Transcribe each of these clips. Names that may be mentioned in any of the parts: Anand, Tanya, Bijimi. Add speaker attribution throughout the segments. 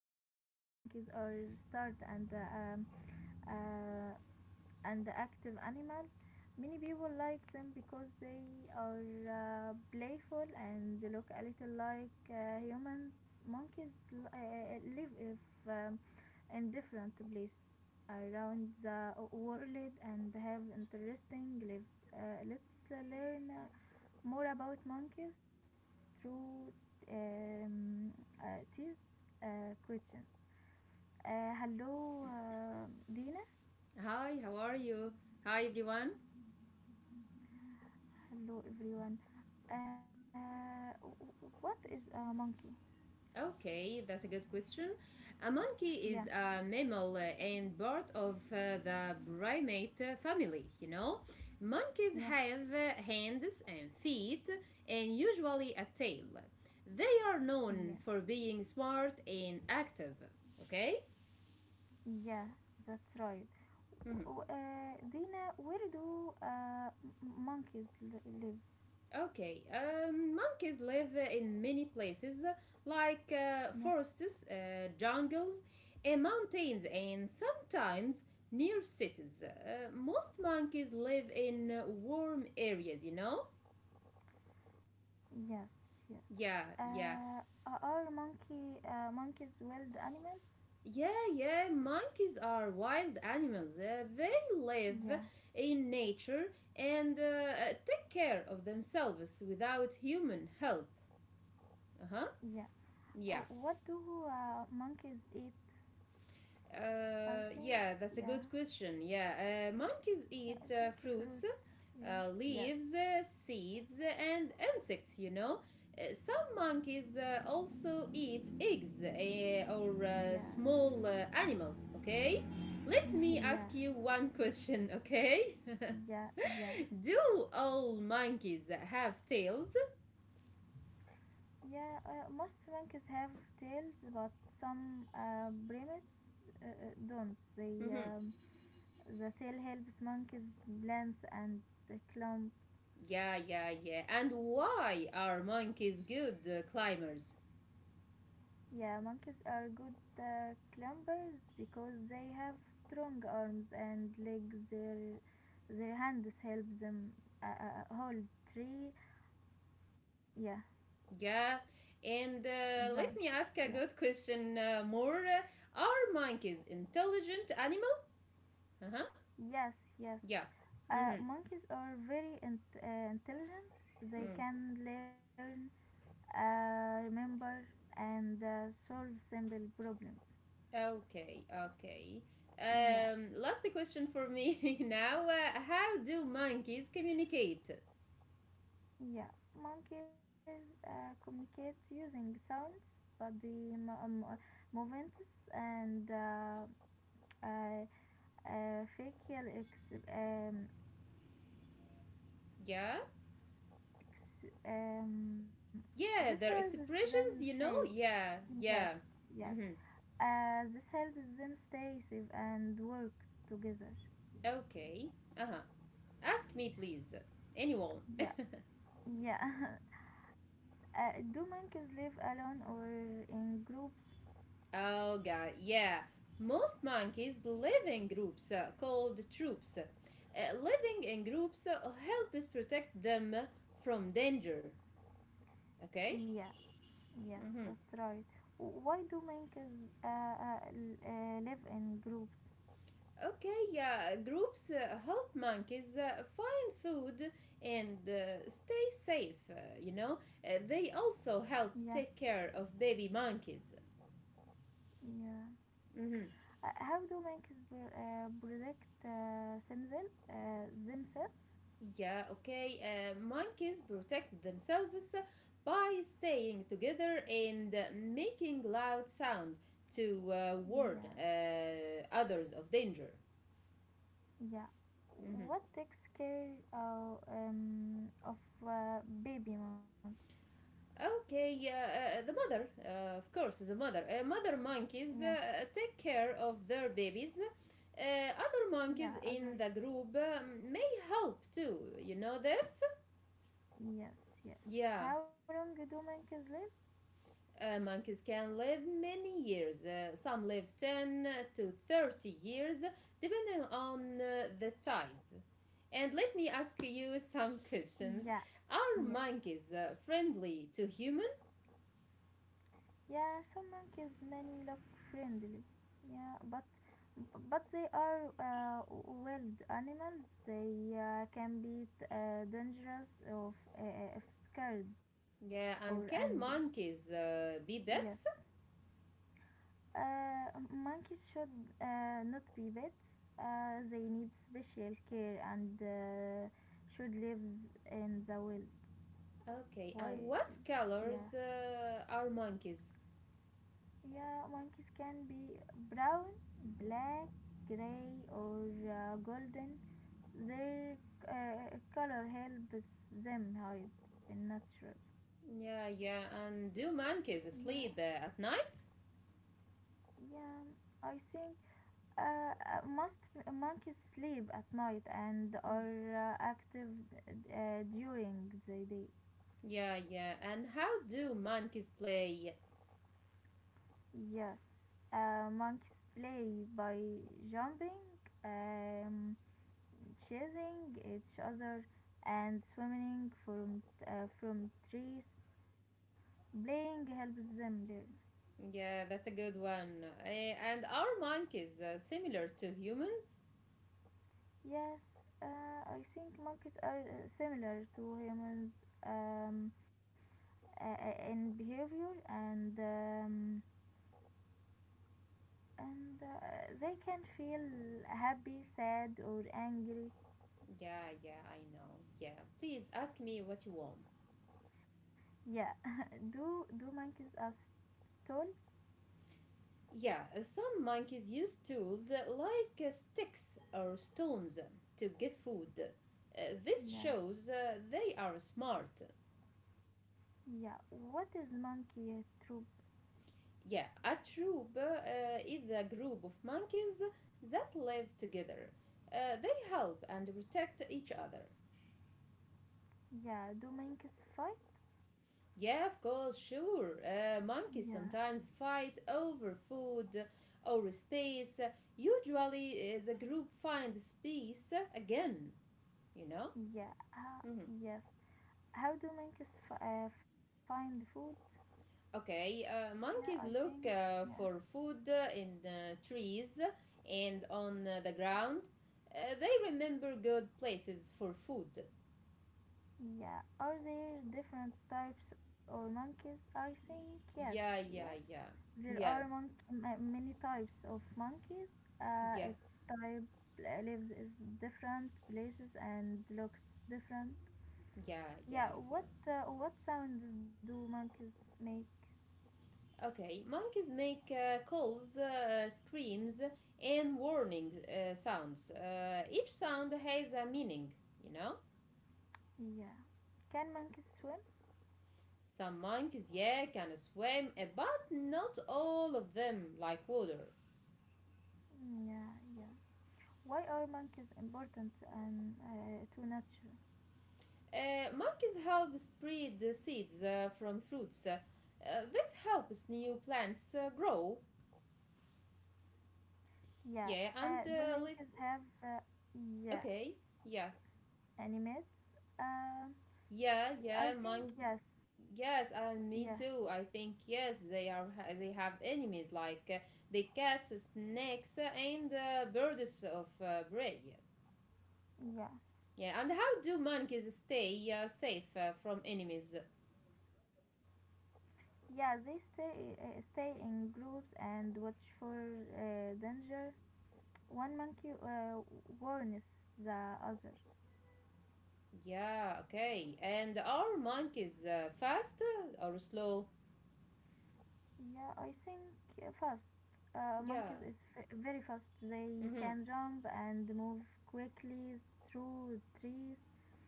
Speaker 1: monkeys. Monkeys are start uh, and active animal. Many people like them because they are playful, and they look a little like humans. Monkeys live if, um, in different places around the world and have interesting lives. Let's learn more about monkeys through um, these questions. Hello, Dina.
Speaker 2: Hi, how are you? Hi, everyone.
Speaker 1: Hello, everyone. Uh, what is a monkey?
Speaker 2: Okay, that's a good question. A monkey is
Speaker 1: Yeah,
Speaker 2: a mammal and part of the primate family, you know? Monkeys
Speaker 1: yeah,
Speaker 2: have hands and feet and usually a tail. They are
Speaker 1: yeah,
Speaker 2: known for being smart and active, okay?
Speaker 1: yeah. That's right.
Speaker 2: Mhm.
Speaker 1: Dina, where do live?
Speaker 2: Okay, monkeys live in many places like
Speaker 1: Yeah,
Speaker 2: forests, jungles, and mountains, and sometimes near cities. Most monkeys live in warm areas, you know?
Speaker 1: yes, yes.
Speaker 2: Yeah,
Speaker 1: Uh,
Speaker 2: yeah.
Speaker 1: are monkeys wild animals?
Speaker 2: Yeah, yeah, monkeys are wild animals. They live
Speaker 1: Yeah,
Speaker 2: in nature and take care of themselves without human help. Uh huh.
Speaker 1: yeah. Oh,
Speaker 2: Yeah.
Speaker 1: what do monkeys eat? I think,
Speaker 2: Yeah, that's a
Speaker 1: yeah,
Speaker 2: good question. Yeah, monkeys
Speaker 1: yeah, I
Speaker 2: eat
Speaker 1: think fruits.
Speaker 2: fruits,
Speaker 1: Yeah, yes,
Speaker 2: leaves, seeds, and insects, you know. Some monkeys also eat eggs or
Speaker 1: yeah,
Speaker 2: small animals, okay? Let me
Speaker 1: yeah,
Speaker 2: ask you one question, okay?
Speaker 1: yeah, yeah,
Speaker 2: Do all monkeys have tails?
Speaker 1: yeah. Most monkeys have tails, but some primates don't.
Speaker 2: Hmm.
Speaker 1: The tail helps monkeys balance and climb.
Speaker 2: Yeah, yeah, yeah. And why are monkeys good climbers?
Speaker 1: Yeah, monkeys are good climbers because they have strong arms and legs. Their hands help them hold tree, yeah,
Speaker 2: Yeah, and let
Speaker 1: branches.
Speaker 2: me ask
Speaker 1: Yeah.
Speaker 2: a good question more. Are monkeys intelligent animal? Uh huh.
Speaker 1: Yes, yes.
Speaker 2: Yeah. Mm-hmm.
Speaker 1: Monkeys are very intelligent. They
Speaker 2: Mm.
Speaker 1: can learn, remember, and solve simple problems.
Speaker 2: Okay. Okay.
Speaker 1: Yeah.
Speaker 2: Last question for me now. How do monkeys communicate?
Speaker 1: Yeah, monkeys communicate using sounds, body mo- mo- movements, and uh, uh, facial ex- um,
Speaker 2: Yeah.
Speaker 1: ex- um, this
Speaker 2: Yeah. Their
Speaker 1: helps them
Speaker 2: expressions. You
Speaker 1: stay.
Speaker 2: know. Yeah.
Speaker 1: Yes,
Speaker 2: Yeah.
Speaker 1: yes.
Speaker 2: Mm-hmm.
Speaker 1: This helps them stay safe and work together.
Speaker 2: Okay. Uh huh. Ask me, please. Anyone.
Speaker 1: Yeah, yeah. Do monkeys live alone or in groups?
Speaker 2: Oh god, yeah. Most monkeys live in groups called troops. Living in groups helps protect them from danger. Okay?
Speaker 1: Yes. Yes,
Speaker 2: Mm-hmm.
Speaker 1: that's right. Why do monkeys live in groups?
Speaker 2: Okay, yeah. Groups help monkeys find food and stay safe, you know. They also
Speaker 1: Yeah,
Speaker 2: help take care of baby monkeys.
Speaker 1: yeah.
Speaker 2: Mm-hmm.
Speaker 1: How do monkeys protect themselves?
Speaker 2: Yeah, okay. Monkeys protect themselves by staying together and making loud sound to warn
Speaker 1: Yeah,
Speaker 2: others of danger.
Speaker 1: yeah.
Speaker 2: Mhm.
Speaker 1: What takes care of baby monkey?
Speaker 2: Okay, the mother, of course, the mother. Mother monkeys
Speaker 1: Yeah,
Speaker 2: take care of their babies. Uh, Other
Speaker 1: yeah.
Speaker 2: monkeys
Speaker 1: Other.
Speaker 2: in the group may help too. You know this?
Speaker 1: Yes, yes.
Speaker 2: Yeah.
Speaker 1: How long do monkeys live?
Speaker 2: Monkeys can live many years. Some live 10 to 30 years, depending on the type. And let me ask you some questions.
Speaker 1: Yeah,
Speaker 2: Are
Speaker 1: yeah.
Speaker 2: monkeys friendly to humans?
Speaker 1: Yeah, some monkeys many look friendly. Yeah, but they are wild animals. They can be dangerous of if scared or
Speaker 2: Yeah, and
Speaker 1: angry.
Speaker 2: can monkeys be
Speaker 1: Yes,
Speaker 2: pets?
Speaker 1: monkeys should not be pets. They need special care, and should live in the wild.
Speaker 2: Okay, and
Speaker 1: Wild.
Speaker 2: what
Speaker 1: Yeah.
Speaker 2: colors are monkeys?
Speaker 1: Yeah, monkeys can be brown, black, gray, or golden. Their color helps them hide in nature.
Speaker 2: Yeah, yeah, and do monkeys
Speaker 1: Yeah,
Speaker 2: sleep at night?
Speaker 1: yeah. I think most monkeys sleep at night and are active during the day.
Speaker 2: Yeah, yeah, and how do monkeys play?
Speaker 1: Yes, monkeys play by jumping, um, chasing each other, and swimming from trees. Playing helps them learn.
Speaker 2: Yeah, that's a good one. Eh, and are monkeys similar to humans?
Speaker 1: Yes, I think monkeys are similar to humans um, in behavior and they can feel happy, sad, or angry.
Speaker 2: Yeah, yeah, I know. Yeah, please ask me what you want.
Speaker 1: Yeah. Do monkeys as tools?
Speaker 2: Yeah, some monkeys use tools like sticks or stones to get food. This
Speaker 1: Yeah.
Speaker 2: shows they are smart.
Speaker 1: Yeah. What is monkey troop?
Speaker 2: Yeah, a troop is a group of monkeys that live together. They help and protect each other.
Speaker 1: Yeah. Do monkeys fight?
Speaker 2: Yeah, of course, sure. Monkeys
Speaker 1: Yeah.
Speaker 2: sometimes fight over food or space. Usually, the group finds space again, you know?
Speaker 1: Yeah,
Speaker 2: Mhm.
Speaker 1: yes. How do monkeys find food?
Speaker 2: Okay,
Speaker 1: Yeah, I
Speaker 2: monkeys
Speaker 1: think.
Speaker 2: look
Speaker 1: Yeah,
Speaker 2: for food in trees and on the
Speaker 1: yes.
Speaker 2: ground. They remember good places for food.
Speaker 1: Yeah, are there different types or monkeys? I think yes.
Speaker 2: Yeah,
Speaker 1: Yeah,
Speaker 2: yeah, yeah.
Speaker 1: there are
Speaker 2: Yeah,
Speaker 1: many types of monkeys.
Speaker 2: yes.
Speaker 1: Each type lives in different places and looks different.
Speaker 2: Yeah, yeah,
Speaker 1: Yeah,
Speaker 2: yeah.
Speaker 1: what sounds do monkeys make?
Speaker 2: Okay, monkeys make calls, screams, and warning sounds. Each sound has a meaning, you know?
Speaker 1: Yeah, can monkeys swim?
Speaker 2: Some monkeys, yeah, can swim, but not all of them like water.
Speaker 1: Mm, yeah, yeah. Why are monkeys important and to nature?
Speaker 2: Monkeys help spread the seeds from fruits. This helps new plants grow,
Speaker 1: Yeah.
Speaker 2: yeah, and
Speaker 1: Do monkeys
Speaker 2: let.
Speaker 1: have yeah
Speaker 2: Okay, yeah.
Speaker 1: animates? Um,
Speaker 2: Yeah,
Speaker 1: I
Speaker 2: yeah,
Speaker 1: think
Speaker 2: mine.
Speaker 1: yes.
Speaker 2: Yes,
Speaker 1: Yeah.
Speaker 2: and me too. I think yes, they are ha- they have enemies like big cats, snakes, and birds of prey.
Speaker 1: Yeah.
Speaker 2: Yeah, and how do monkeys stay safe from enemies?
Speaker 1: Yeah. They stay in groups and watch for danger. One monkey warns the others.
Speaker 2: Yeah, okay. And are monkeys fast or slow?
Speaker 1: Yeah. I think fast. Monkeys
Speaker 2: Yeah.
Speaker 1: is very fast. They
Speaker 2: Mm-hmm.
Speaker 1: can jump and move quickly through trees.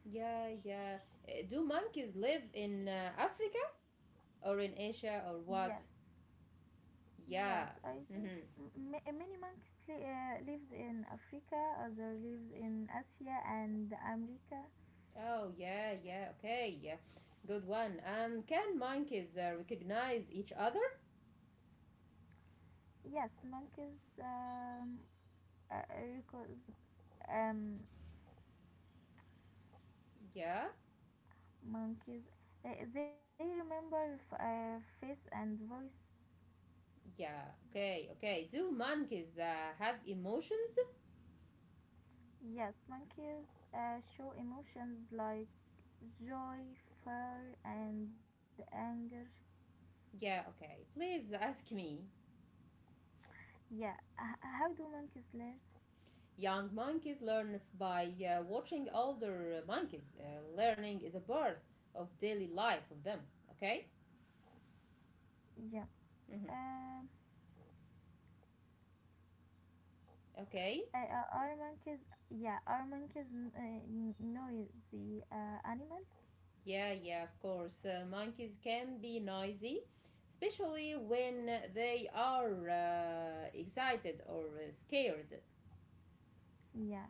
Speaker 2: Yeah, yeah. Do monkeys live in Africa or in Asia or
Speaker 1: Yes,
Speaker 2: what?
Speaker 1: yes.
Speaker 2: Yeah.
Speaker 1: I think
Speaker 2: Hmm.
Speaker 1: many monkeys lives in Africa, other lives in Asia and America.
Speaker 2: Oh, yeah, yeah, okay, yeah. Good one. And can monkeys recognize each other?
Speaker 1: Yes, monkeys. Uh, because um,
Speaker 2: Yeah,
Speaker 1: monkeys, they remember face and voice.
Speaker 2: yeah, okay, okay. Do monkeys have emotions?
Speaker 1: Yes, monkeys show emotions like joy, fear, and anger.
Speaker 2: Yeah, okay. Please ask me.
Speaker 1: Yeah. How do monkeys learn?
Speaker 2: Young monkeys learn by watching older monkeys. Learning is a part of daily life of them, okay?
Speaker 1: Yeah.
Speaker 2: Hmm.
Speaker 1: Um.
Speaker 2: Okay.
Speaker 1: Are monkeys? Yeah, are monkeys noisy animals?
Speaker 2: Yeah, yeah, of course. Monkeys can be noisy, especially when they are excited or scared.
Speaker 1: Yeah.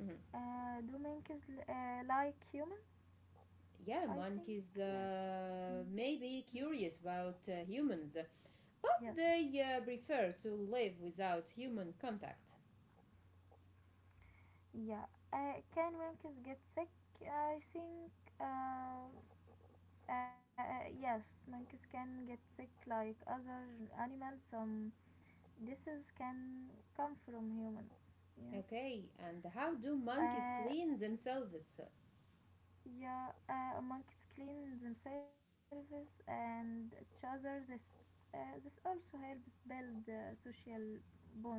Speaker 2: Mhm.
Speaker 1: Do monkeys like humans?
Speaker 2: Yeah,
Speaker 1: I think
Speaker 2: monkeys
Speaker 1: yes. Mm,
Speaker 2: may be curious about humans,
Speaker 1: yes.
Speaker 2: but they prefer to live without human contact.
Speaker 1: Yeah. Can monkeys get sick? I think uh, yes. Monkeys can get sick like other animals. Some diseases can come from humans. Yeah.
Speaker 2: Okay, and how do monkeys
Speaker 1: Uh,
Speaker 2: clean themselves?
Speaker 1: Yeah, monkeys clean themselves and each other. This also helps build social bonds.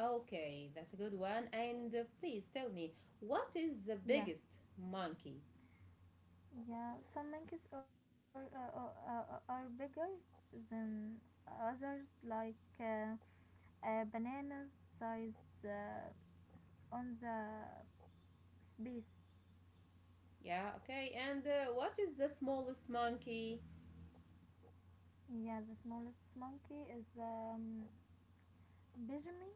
Speaker 2: Okay, that's a good one. And please tell me, what is the
Speaker 1: Yeah,
Speaker 2: biggest monkey?
Speaker 1: yeah. Some monkeys are bigger than others, like uh, bananas size uh, on the space.
Speaker 2: Yeah, okay. And what is the smallest monkey?
Speaker 1: Yeah, the smallest monkey is Bijimi.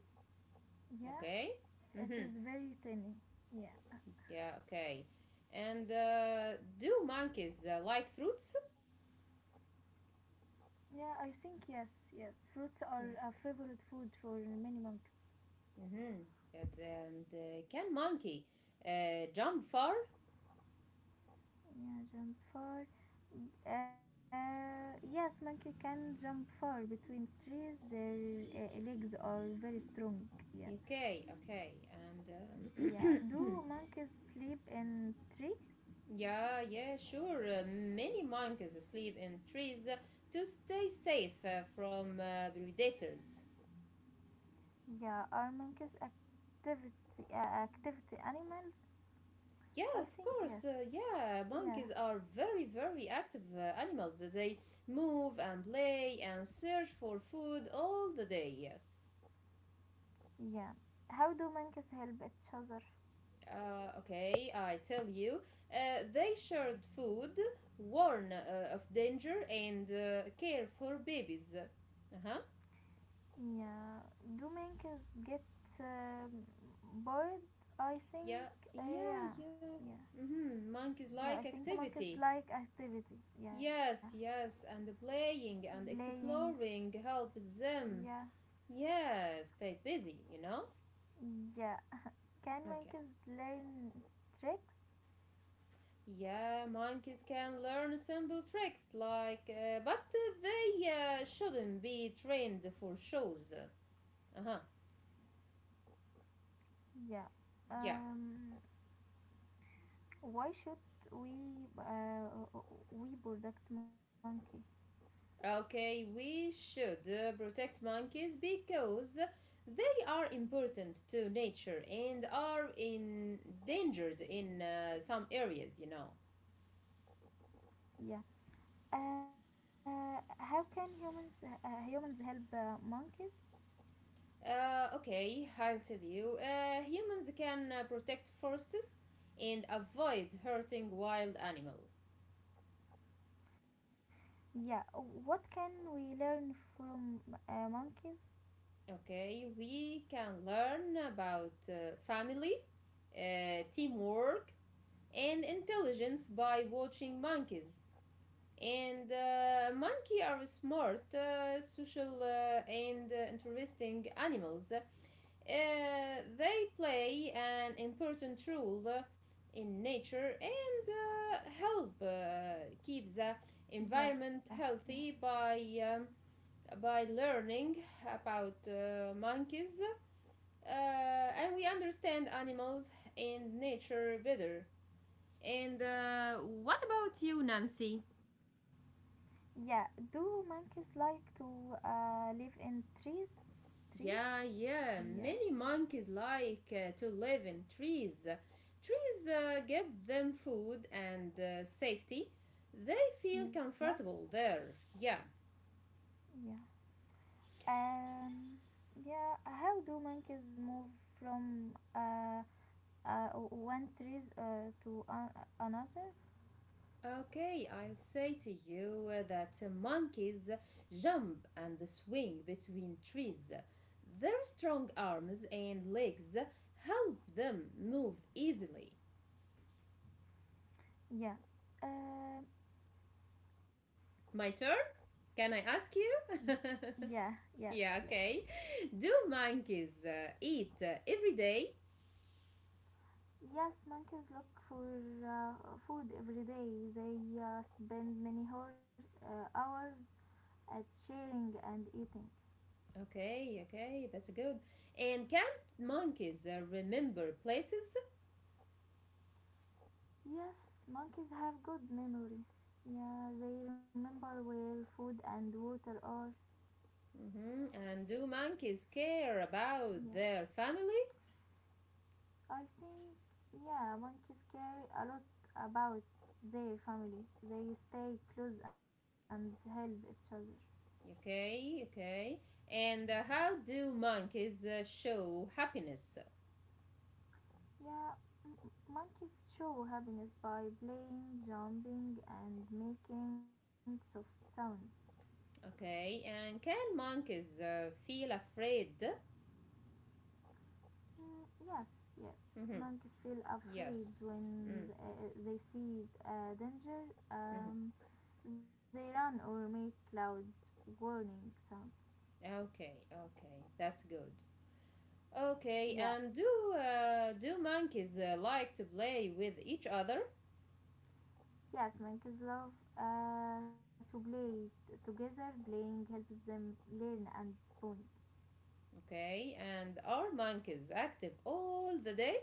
Speaker 1: Yeah,
Speaker 2: Okay.
Speaker 1: it
Speaker 2: Mm-hmm.
Speaker 1: is very tiny. Yeah.
Speaker 2: Yeah, okay. And do monkeys like fruits?
Speaker 1: Yeah, I think yes, yes. Fruits are a favorite food for many monkeys.
Speaker 2: Mm-hmm. Yes, and can monkey jump far?
Speaker 1: Yeah, jump far. Yes, monkey can jump far between trees. Their legs are very strong. Yeah,
Speaker 2: Okay, okay. And
Speaker 1: yeah. Do monkeys sleep in tree?
Speaker 2: yeah, yeah, sure. Many monkeys sleep in trees to stay safe from predators.
Speaker 1: Yeah, are monkeys activity animals?
Speaker 2: Yeah,
Speaker 1: I
Speaker 2: of
Speaker 1: think yes.
Speaker 2: course. Yeah,
Speaker 1: Yeah,
Speaker 2: monkeys are very, very active animals. They move and play and search for food all the day.
Speaker 1: yeah. How do monkeys help each other?
Speaker 2: Okay, I tell you, they shared food, warn of danger, and care for babies. Uh huh.
Speaker 1: Yeah, Dooming is get um, bored. I
Speaker 2: Yeah,
Speaker 1: think.
Speaker 2: yeah,
Speaker 1: Yeah,
Speaker 2: yeah.
Speaker 1: yeah,
Speaker 2: Mm-hmm. Monkeys like
Speaker 1: yeah. I think
Speaker 2: activity.
Speaker 1: monkeys like activity. Yeah,
Speaker 2: Yes, yes, and playing and
Speaker 1: playing.
Speaker 2: exploring helps them.
Speaker 1: Yeah,
Speaker 2: Yeah, stay busy, you know?
Speaker 1: yeah. Can
Speaker 2: Okay.
Speaker 1: monkeys learn tricks?
Speaker 2: Yeah, monkeys can learn simple tricks like, but they shouldn't be trained for shows. Uh huh.
Speaker 1: Yeah.
Speaker 2: Yeah.
Speaker 1: Um. Why should we uh, we protect monkey?
Speaker 2: Okay, we should protect monkeys because they are important to nature and are endangered in some areas, you know.
Speaker 1: Yeah. How can humans help monkeys?
Speaker 2: Okay, I'll tell you. Humans can protect forests and avoid hurting wild animals.
Speaker 1: Yeah, what can we learn from monkeys?
Speaker 2: Okay, we can learn about family, teamwork, and intelligence by watching monkeys. And monkey are smart, social, and interesting animals. They play an important role in nature and help keep the environment
Speaker 1: Yeah, yeah,
Speaker 2: healthy um, by learning about monkeys and we understand animals and nature better. And what about you, Nancy?
Speaker 1: yeah. Do monkeys like to live in trees? Trees?
Speaker 2: Yeah, yeah,
Speaker 1: Yeah,
Speaker 2: many monkeys like to live in trees. Trees give them food and safety. They feel
Speaker 1: yes,
Speaker 2: comfortable there. Yeah.
Speaker 1: yeah. Um, yeah. How do monkeys move from one trees to another?
Speaker 2: Okay, I say to you that monkeys jump and swing between trees. Their strong arms and legs help them move easily.
Speaker 1: Yeah. Um,
Speaker 2: My turn? Can I ask you?
Speaker 1: yeah. Yes.
Speaker 2: Yeah,
Speaker 1: Yes.
Speaker 2: okay. Do monkeys eat every day?
Speaker 1: Yes, monkeys look for uh, food every day. They spend many hours, hours at sharing and eating.
Speaker 2: Okay, okay, that's good. And can monkeys remember places?
Speaker 1: Yes, monkeys have good memory. Yeah, they remember where food and water are.
Speaker 2: Hmm. And do monkeys care about
Speaker 1: Yes,
Speaker 2: their family?
Speaker 1: I think yeah, monkeys care a lot about their family. They stay close and help each other.
Speaker 2: Okay, okay. And how do monkeys show happiness?
Speaker 1: Yeah, monkeys show happiness by playing, jumping, and making soft sounds.
Speaker 2: Okay, and can monkeys feel afraid?
Speaker 1: Mm, yes, yes.
Speaker 2: Hmm.
Speaker 1: Monkeys feel afraid
Speaker 2: Yes.
Speaker 1: when
Speaker 2: Mm.
Speaker 1: they see danger.
Speaker 2: Mm-hmm.
Speaker 1: Um, they run or make loud warning sounds.
Speaker 2: Okay, okay, that's good. Okay,
Speaker 1: Yeah,
Speaker 2: and do do monkeys like to play with each other?
Speaker 1: yes. Monkeys love to play together. Playing helps them learn and bond.
Speaker 2: Okay, and are monkeys active all the day?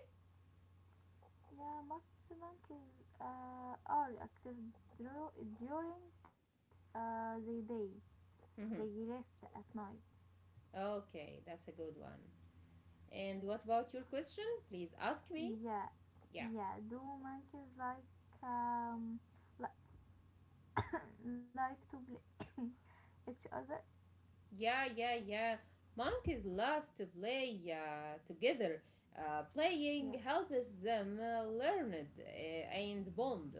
Speaker 1: Yeah, most monkeys are active during the day. They
Speaker 2: Hmm.
Speaker 1: rest at night.
Speaker 2: Okay, that's a good one. And what about your question? Please ask me.
Speaker 1: Yeah,
Speaker 2: Yeah.
Speaker 1: yeah. Do monkeys like um li- like to play each other?
Speaker 2: Yeah, yeah, yeah. Monkeys love to play together. Playing
Speaker 1: Yes.
Speaker 2: helps them learn it and bond.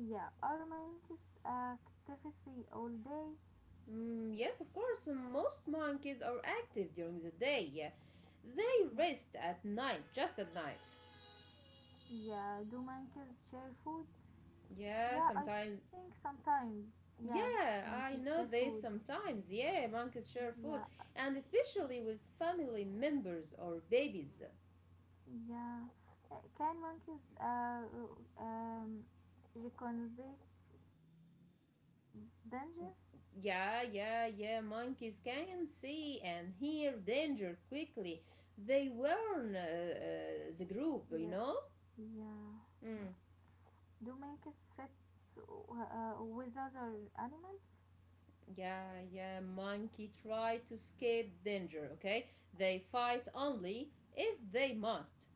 Speaker 1: Yeah. Are monkeys activity all day?
Speaker 2: Mm, yes, of course, most monkeys are active during the day. Yeah, they
Speaker 1: Yeah.
Speaker 2: rest at night, just at night.
Speaker 1: Yeah. Do monkeys share food?
Speaker 2: Yeah,
Speaker 1: Yeah, I
Speaker 2: sometimes.
Speaker 1: think sometimes. Yeah,
Speaker 2: Yeah,
Speaker 1: monkeys
Speaker 2: I
Speaker 1: share
Speaker 2: know
Speaker 1: food.
Speaker 2: this sometimes. Yeah, monkeys share
Speaker 1: Yeah.
Speaker 2: food, and especially with family members or babies.
Speaker 1: Yeah. Can monkeys um, recognize danger?
Speaker 2: Yeah, yeah, yeah. Monkeys can see and hear danger quickly. They warn the group, you
Speaker 1: The-
Speaker 2: know?
Speaker 1: yeah.
Speaker 2: Mm.
Speaker 1: Yeah. Do monkeys fit with other animals?
Speaker 2: Yeah, yeah. Monkey try to escape danger, okay? They fight only if they must.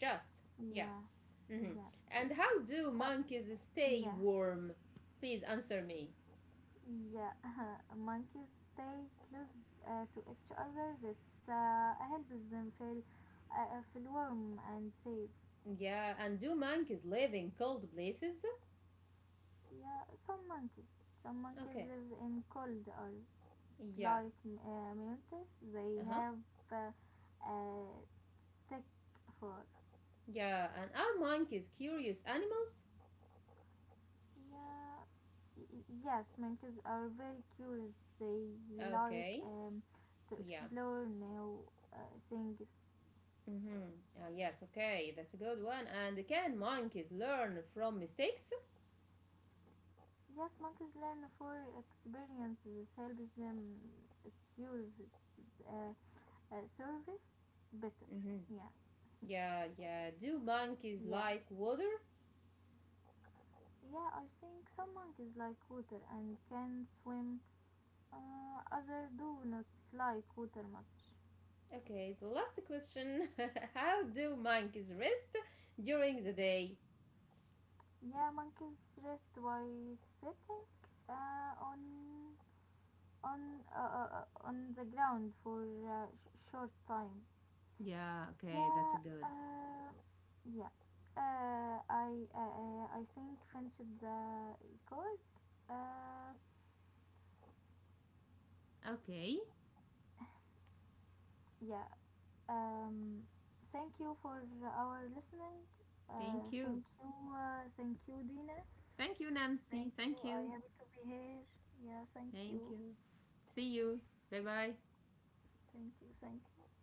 Speaker 2: Just. Yeah.
Speaker 1: Yeah.
Speaker 2: Hmm.
Speaker 1: Yes. Yes.
Speaker 2: And how do
Speaker 1: How,
Speaker 2: monkeys stay
Speaker 1: yeah.
Speaker 2: warm? Please answer me.
Speaker 1: Yeah. monkeys stay close to each other. This helps them feel feel warm and safe.
Speaker 2: Yeah, and do monkeys live in cold places?
Speaker 1: Yeah. Some monkeys. Some monkeys
Speaker 2: Okay.
Speaker 1: live in cold or
Speaker 2: Yeah.
Speaker 1: like Memphis, they
Speaker 2: Uh huh.
Speaker 1: have uh, a thick fur.
Speaker 2: Yeah, and are monkeys curious animals?
Speaker 1: Yeah, yes, monkeys are very curious. They like
Speaker 2: Okay,
Speaker 1: to
Speaker 2: yeah.
Speaker 1: explore new uh, things.
Speaker 2: Mm-hmm. Ah, yes, okay, that's a good one. And can monkeys learn from mistakes?
Speaker 1: Yes, monkeys learn for experience. This helps them survive, uh, survive better.
Speaker 2: Mm-hmm.
Speaker 1: Yeah,
Speaker 2: Yeah, yeah. Do monkeys
Speaker 1: yeah,
Speaker 2: like water?
Speaker 1: yeah. I think some monkeys like water and can swim. Others do not like water much.
Speaker 2: Okay, so last question. How do monkeys rest during the day?
Speaker 1: Yeah, monkeys rest by sitting on on on the ground for short times.
Speaker 2: Yeah, okay, that's
Speaker 1: Yeah,
Speaker 2: a good.
Speaker 1: uh, yeah. I think finished the record. Uh,
Speaker 2: Okay,
Speaker 1: yeah. Um, thank you for our listening.
Speaker 2: thank you.
Speaker 1: Thank you, Dina.
Speaker 2: Thank you, Nancy.
Speaker 1: Thank you.
Speaker 2: Thank
Speaker 1: I
Speaker 2: you.
Speaker 1: happy to be here. Yeah, thank
Speaker 2: Thank
Speaker 1: you.
Speaker 2: you. See you. Bye bye.
Speaker 1: Thank you. Thank